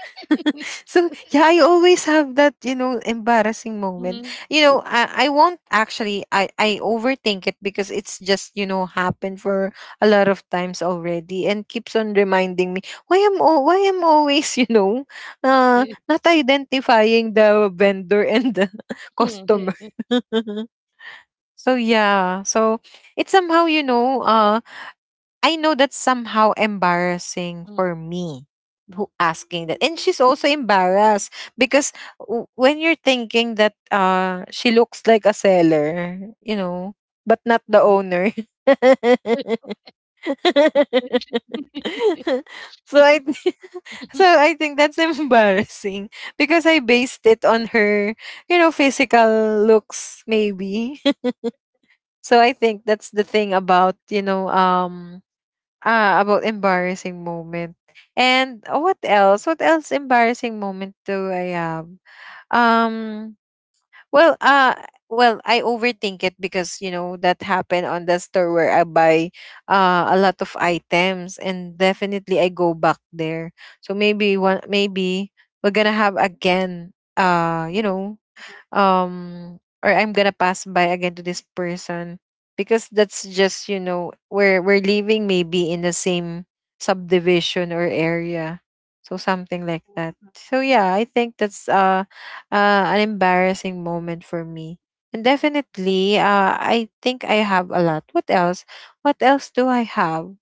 So yeah, I always have that, you know, embarrassing moment. Mhm. You know, I, I won't actually I, I overthink it because it's just, you know, happened for a lot of times already and keeps on reminding me why am oh why am always, you know, uh not identifying the vendor and the customer. Mhm. So yeah. So it's somehow, you know, uh I know that's somehow embarrassing for me who asking that. And she's also embarrassed because w- when you're thinking that uh she looks like a seller, you know, but not the Mhm. owner. So I so Uh, I think that's embarrassing because I based it on her, you know, physical looks maybe. So I think that's the thing about, you know, um ah, about embarrassing moment. And uh, what else? What else embarrassing moment do I have? Um well uh well I overthink it because you know that happened on the store where I buy uh a lot of items, and definitely I go back there. So maybe one maybe we're gonna have again uh you know um or I'm gonna pass by again to this person because that's just, you know, we're we're living maybe in the same subdivision or area so something like that. So yeah, I think that's uh, uh an embarrassing moment for me. And definitely uh I think I have a lot. What else, what else do I have?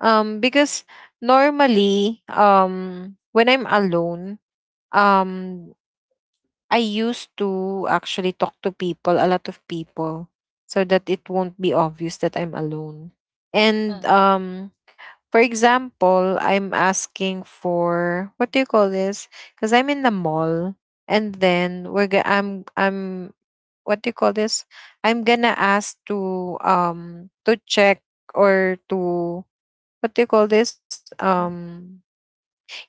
um because normally um when I'm alone, um I used to actually talk to people, a lot of people, so that it won't be obvious that I'm alone. And um, for example, I'm asking for what do you call this? Because I'm in the mall, and then we're go- I'm I'm what do you call this? I'm gonna ask to um to check or to what do you call this? Mm. Um,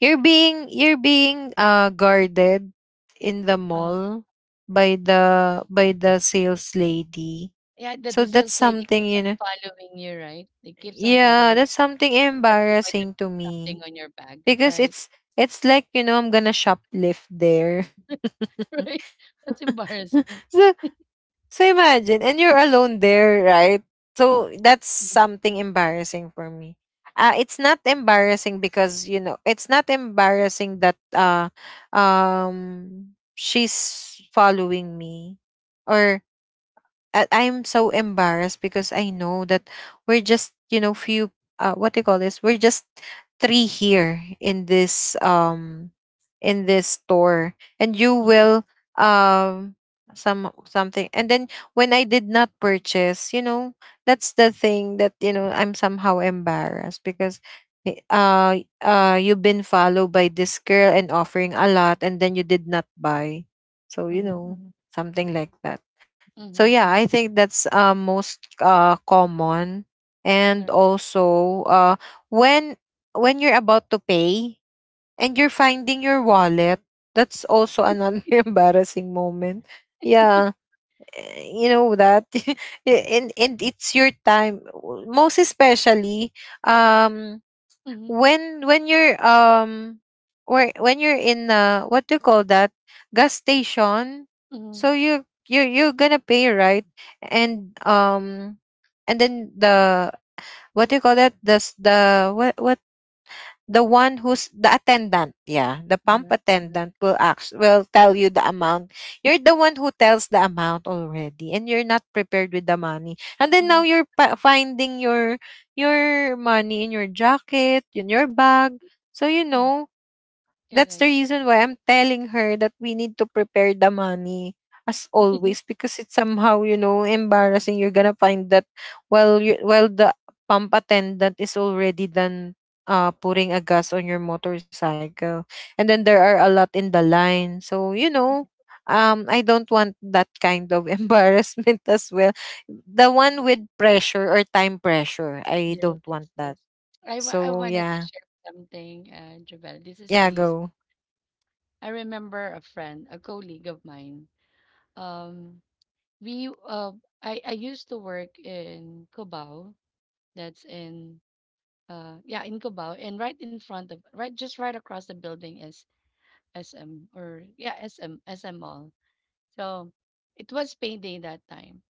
You're being, you're being uh guarded in the uh mall by the by the sales lady. Yeah, that the So that's sales lady something, keeps you on know. following you, right? They keeps on following Yeah, you, that's something thinking that you might have embarrassing to put something me on your bag, because right? it's it's like, you know, I'm gonna shoplift there. Right? That's embarrassing. So, so imagine, and you're alone there, right? So that's Mhm, something embarrassing for me. Uh, it's not embarrassing because you know it's not embarrassing that uh um she's following me, or I- I'm so embarrassed because I know that we're just, you know, few, uh what do you call this, we're just three here in this um in this store, and you mhm, will um some something, and then when I did not purchase, you know, that's the thing that you know I'm somehow embarrassed because eh, uh uh you've been followed by this girl and offering a lot and then you did not buy. So you mhm, know, mhm, something like that. So mhm, yeah, mhm. I think that's uh most uh common. And Correct. also uh when when you're about to pay and you're finding your wallet. That's also another embarrassing moment. Yeah, eh, you know that. Y- and and it's your time, w- most especially um Mhm, when when you're um where when you're in uh what do you call that, gas station, mhm, so you you you're gonna pay, right, and um and then the what do you call that, the s- the what what the one who's the attendant, yeah, the pump mhm, mhm, attendant will ask, will tell you the amount. You're the one who tells the amount already, and you're not prepared with the money. And then mhm, now you're pa- finding your your money in your jacket, in your bag. So you mhm. know, that's the Correct. reason why I'm telling her that we need to prepare the money as always because it's somehow you know embarrassing. You're gonna find that while you, while the pump attendant is already done uh putting a gas on your motorcycle, and then there are a lot in the line. So you know. Um, I don't want that kind of embarrassment as well. The one with pressure or time pressure, I Yes, don't want yes, yes. that. I, wa- I So wanted to yeah, share something, uh, Jabel. This is yeah, really, s- go. I remember a friend, a colleague of mine. Um, we, uh, I, I used to work in Cubao. That's in, uh, yeah, in Cubao. And right in front of, right, just right across the building is S M or, yeah, SM, S M Mall. So it was payday that time.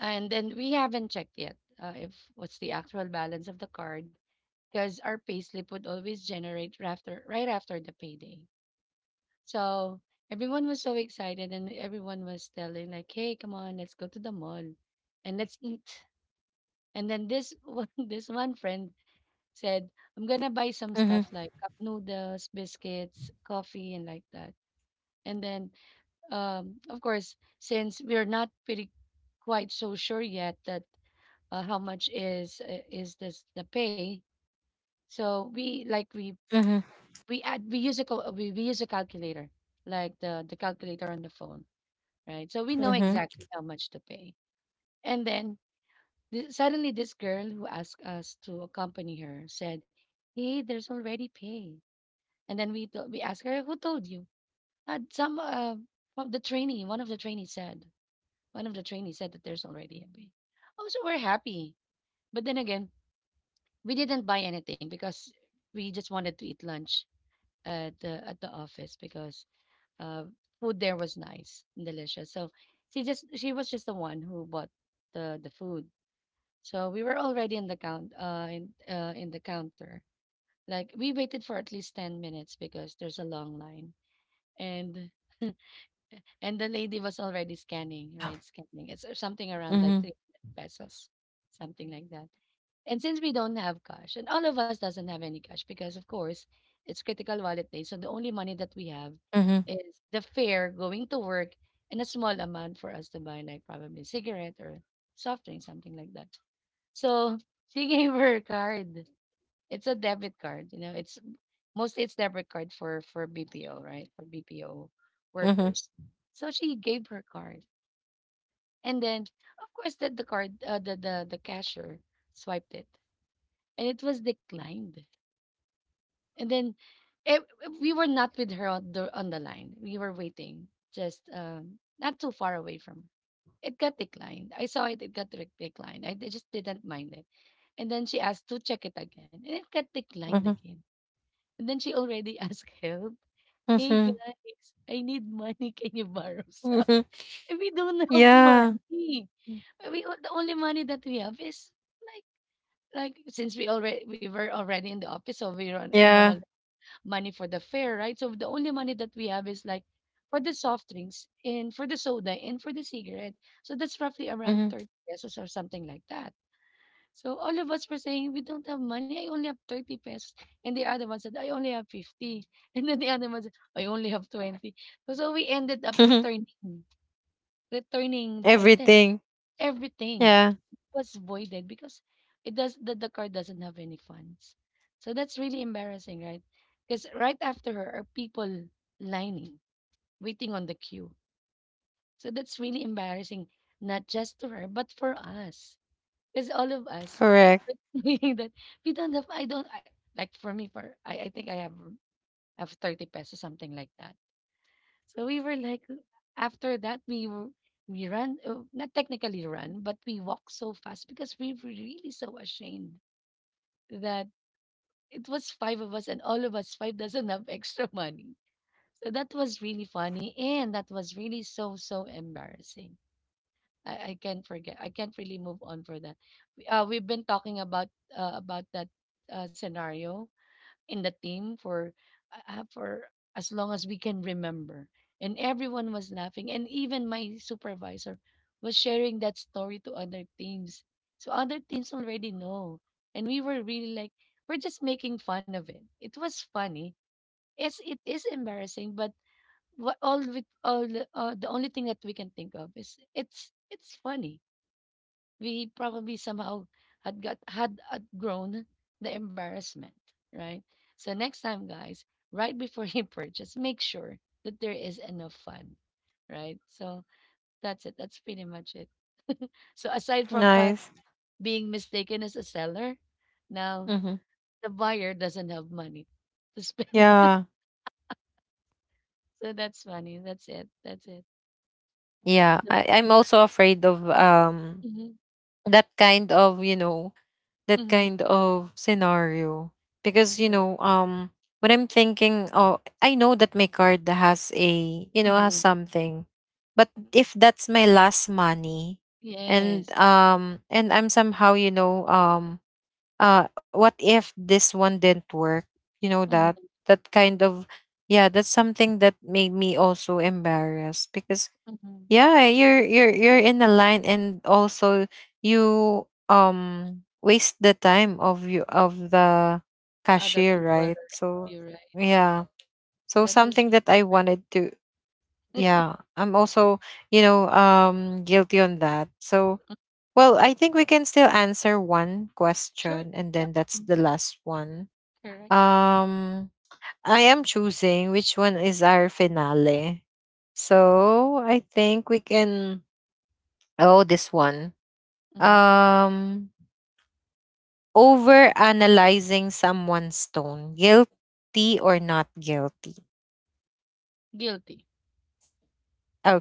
And then we haven't checked yet, uh, if what's the actual balance of the card, because our payslip would always generate after right after the payday. So everyone was so excited and everyone was telling like, "Hey, come on, let's go to the mall and let's eat." And then this one, this one friend said, "I'm gonna buy some stuff Mm-hmm. like cup noodles, biscuits, coffee, and like that." And then, um, of course, since we're not pretty quite so sure yet that uh, how much is uh, is this the pay, so we like we Mm-hmm. we add we use a cal- uh, we, we use a calculator, like the the calculator on the phone, right? So we know Mm-hmm. exactly how much to pay. And then th- suddenly this girl who asked us to accompany her said, "Hey, there's already pay." And then we th- we asked her, "Who told you?" uh, some uh, of the trainee one of the trainees said, one of the trainees said that there's already a pay. Oh, so we're happy, but then again, we didn't buy anything because we just wanted to eat lunch at the at the office, because uh, food there was nice and delicious. So she just she was just the one who bought the the food. So we were already in the count uh in uh in the counter. Like we waited for at least ten minutes because there's a long line. And and the lady was already scanning, right? Scanning. It's uh, something around like Mhm. three pesos, something like that. And since we don't have cash, and all of us doesn't have any cash because of course it's critical wallet day. So the only money that we have Mhm. is the fare going to work and a small amount for us to buy like probably cigarette or soft drink, something like that. So she gave her a card. It's a debit card, you know, it's mostly, it's debit card for for B P O, right? For B P O Mhm. workers. So she gave her card. And then of course that the card, uh, the, the the cashier swiped it, and it was declined. And then eh, we were not with her on the on the line. We were waiting just um, not too far away from her. It got declined. I saw it. It got re- declined. I, I just didn't mind it. And then she asked to check it again, and it got declined Mhm. again. And then she already asked help. "Hey Mhm. guys, I need money. Can you borrow some?" Mhm. We don't have Yeah. money. Uh, We o- the only money that we have is, like, like since we already we were already in the office, so we are, we no Yeah. longer money for the fare, right? So the only money that we have is like for the soft drinks and for the soda and for the cigarette. So that's roughly around Mhm. thirty pesos or something like that. So all of us were saying, we don't have money. I only have thirty pesos. And the other one said, I only have fifty. And then the other one said, I only have twenty. So we ended up returning, returning the item, Everything. everything Yeah. was voided because it does the, the car doesn't have any funds. So that's really embarrassing, right? Because right after her are people lining, waiting on the queue. So that's really embarrassing, not just to her, but for us. Because all of us Correct. are thinking that, we don't have, I don't, I, like for me for I, I think I have have thirty pesos, something like that. So we were like, after that, we were we ran, uh, not technically run but we walked so fast because we were really so ashamed that it was five of us and all of us five doesn't have extra money. So that was really funny and that was really so so embarrassing. I, I can't forget. I can't really move on for that. We- Uh, we've been talking about, uh, about that uh, scenario in the team for, uh, uh, for as long as we can remember, and everyone was laughing, and even my supervisor was sharing that story to other teams, so other teams already know. And we were really like, we're just making fun of it. It was funny. It's it is embarrassing, but what all with all the- uh, the only thing that we can think of is it's it's funny. We probably somehow had got had outgrown the embarrassment, right? So next time, guys, right before you purchase, make sure that there is enough fun, right? So that's it. That's pretty much it. So aside from us Nice. being mistaken as a seller, now Mhm. the buyer doesn't have money to spend. Yeah. So that's funny. That's it. That's it. Yeah. I, I'm also afraid of um Mm-hmm, that kind of, you know, that mm-hmm, kind of scenario because you know right. um when I'm thinking, oh, I know that my card has a, you know, has Mm-hmm. something, but if that's my last money and Yes. um and I'm somehow you know um uh what if this one didn't work, you know, that, Mm-hmm, that kind of, yeah, that's something that made me also embarrassed because mm-hmm. yeah, you're you're you're in the line, and also you um waste the time of you, of the The other cashier, people, right? So you're right. yeah, so That was something that I really ra-. wanted to, yeah, I'm also you know um guilty on that. So Mm, well, I think we can still answer one sure. question and Yep. then that's Mm, the last one. correct. Mm, um I am choosing which one is our finale. mm, So I think we can, oh, this one. mm. um over analyzing someone's tone, guilty or not guilty. Guilty.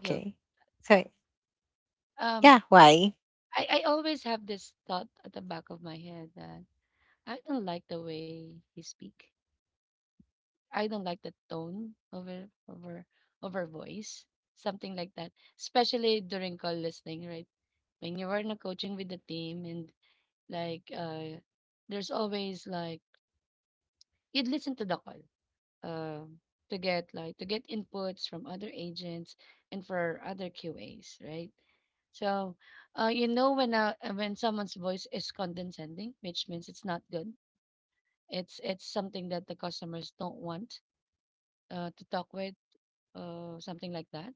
Guilt. so Um, yeah, why? I, I always have this thought at the back of my head that I don't like the way he speak. I don't like the tone of her, of her, of her voice. Something like that. Especially during call listening, right? When you were in a coaching with the team and like uh there's always like you'd listen to the call. um, to get like to get inputs from other agents and for other Q As, right? So, uh, you know when uh, uh, when someone's voice is condescending, which means it's not good. It's it's something that the customers don't want uh, to talk with, uh, something like that.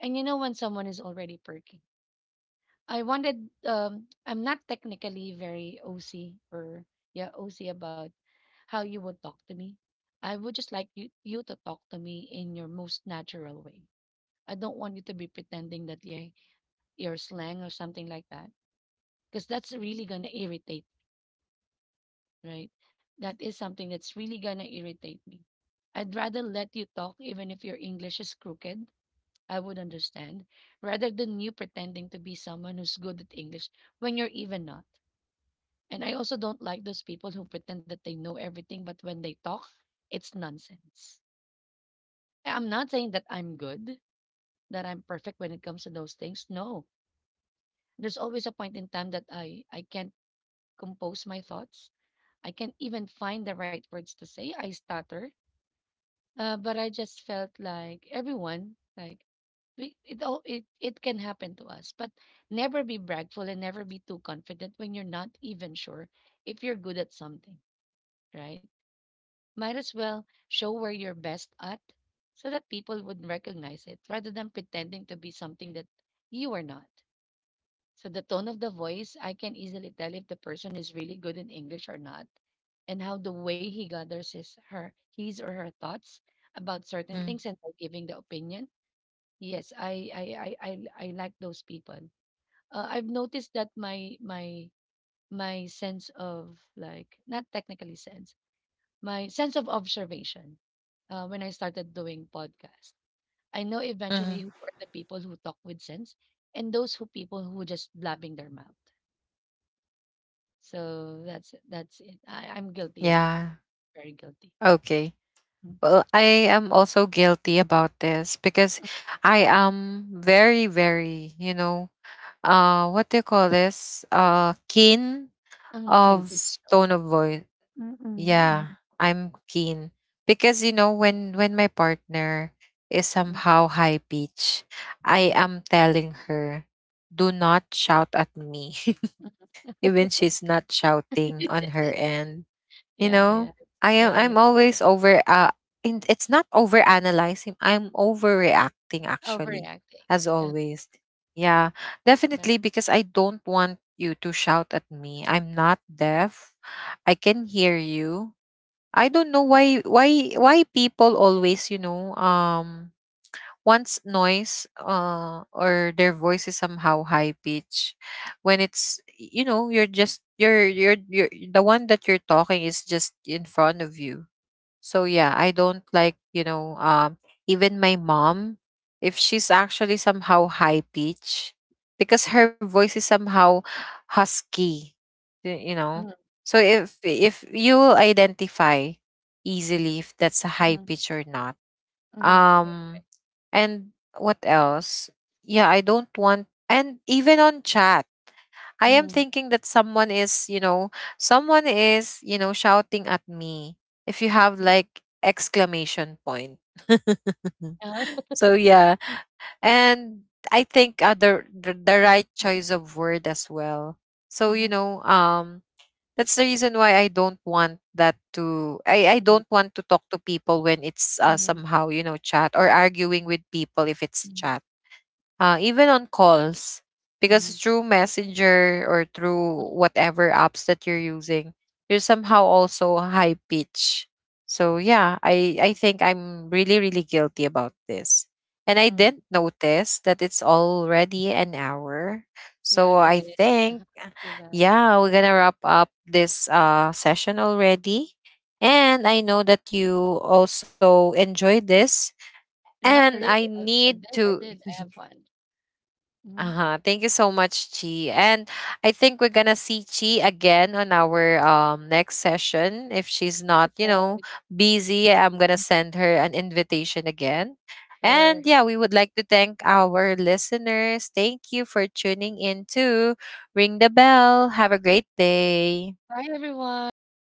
And you know when someone is already perky. I wanted. Um, I'm not technically very O C, or yeah, O C about how you would talk to me. I would just like you, you to talk to me in your most natural way. I don't want you to be pretending that you're, you're slang or something like that because that's really going to irritate, right? That is something that's really going to irritate me. I'd rather let you talk even if your English is crooked. I would understand rather than you pretending to be someone who's good at English when you're even not. And I also don't like those people who pretend that they know everything, but when they talk, it's nonsense. I'm not saying that I'm good, that I'm perfect when it comes to those things. No, there's always a point in time that I I can't compose my thoughts. I can't even find the right words to say. I stutter. Uh, but I just felt like everyone, like we, it all it it can happen to us. But never be bragful and never be too confident when you're not even sure if you're good at something, right? Might as well show where you're best at so that people would recognize it rather than pretending to be something that you are not. So, the tone of the voice, I can easily tell if the person is really good in English or not, and how the way he gathers his, her, his or her thoughts about certain Mm, things and by giving the opinion. Yes, I, I, I, I, I like those people. Uh, I've noticed that my, my, my sense of, like, not technically sense, my sense of observation, uh, when I started doing podcast. I know eventually who mm-hmm. are the people who talk with sense, and those who people who just blabbing their mouth. So that's it. That's it. I, I'm guilty of that. Yeah, Very guilty. okay. Mm. Well, I am also guilty about this because I am very, very, you know, uh what do you call this, uh keen Uh, came of to details. tone of voice. Mm, mm, mm, Yeah, I'm keen because you know when when my partner is mm, somehow high pitch, I mm. am telling her, "Do not shout at me." Even she's not shouting on her end. You Yeah, yeah, know, I yeah, am yeah. I'm always over uh in, it's not over analyzing, I'm overreacting actually, Overreacting. as Uh, always. Yeah, right. definitely, because I don't want you to shout at me. I'm not deaf. I can hear you. I don't know why why why people always, you know, um wants noise, uh or their voice is somehow high pitch when it's, you know, you're just you're you're you're the one that you're talking is just in front of you. So yeah, I don't like, you know, um even my mom, if she's actually somehow high pitch, because her voice is somehow husky, y- you know. Mhm, So if if you will identify easily if that's a high mhm, pitch or not. mhm, right. Um and what else? Yeah, I don't want, and even on chat I am Mhm, thinking that someone is, you know, someone is, you know, shouting at me if you have like exclamation point. uh, So yeah, and I think other the, the right choice of word as well. So you mhm, know, um, that's the reason why I don't want that to. I I mhm, don't want to talk to people when it's uh, mhm, somehow you know chat or correct. arguing with people if it's Mhm, chat, uh, even on calls, because mhm, through messenger or through whatever apps that you're using, you're somehow also high pitch. So yeah, i i think I'm really, really guilty about this, and I mhm. didn't notice that it's already an hour. Yeah, So it I is. think Too bad. yeah, we're gonna wrap up this uh session already, and I know that you also enjoyed this, Yeah, and really. I I, I need did. I to did. I have fun. Mhm. Uh-huh. Thank you so much, Chi. And I think we're gonna see Chi again on our um next session. If Next she's not, you episode. know, busy, I'm gonna send her an invitation again. Sure. And yeah, we would like to thank our listeners. Thank you for tuning in to Ring the Bell. Have a great day. Bye, everyone.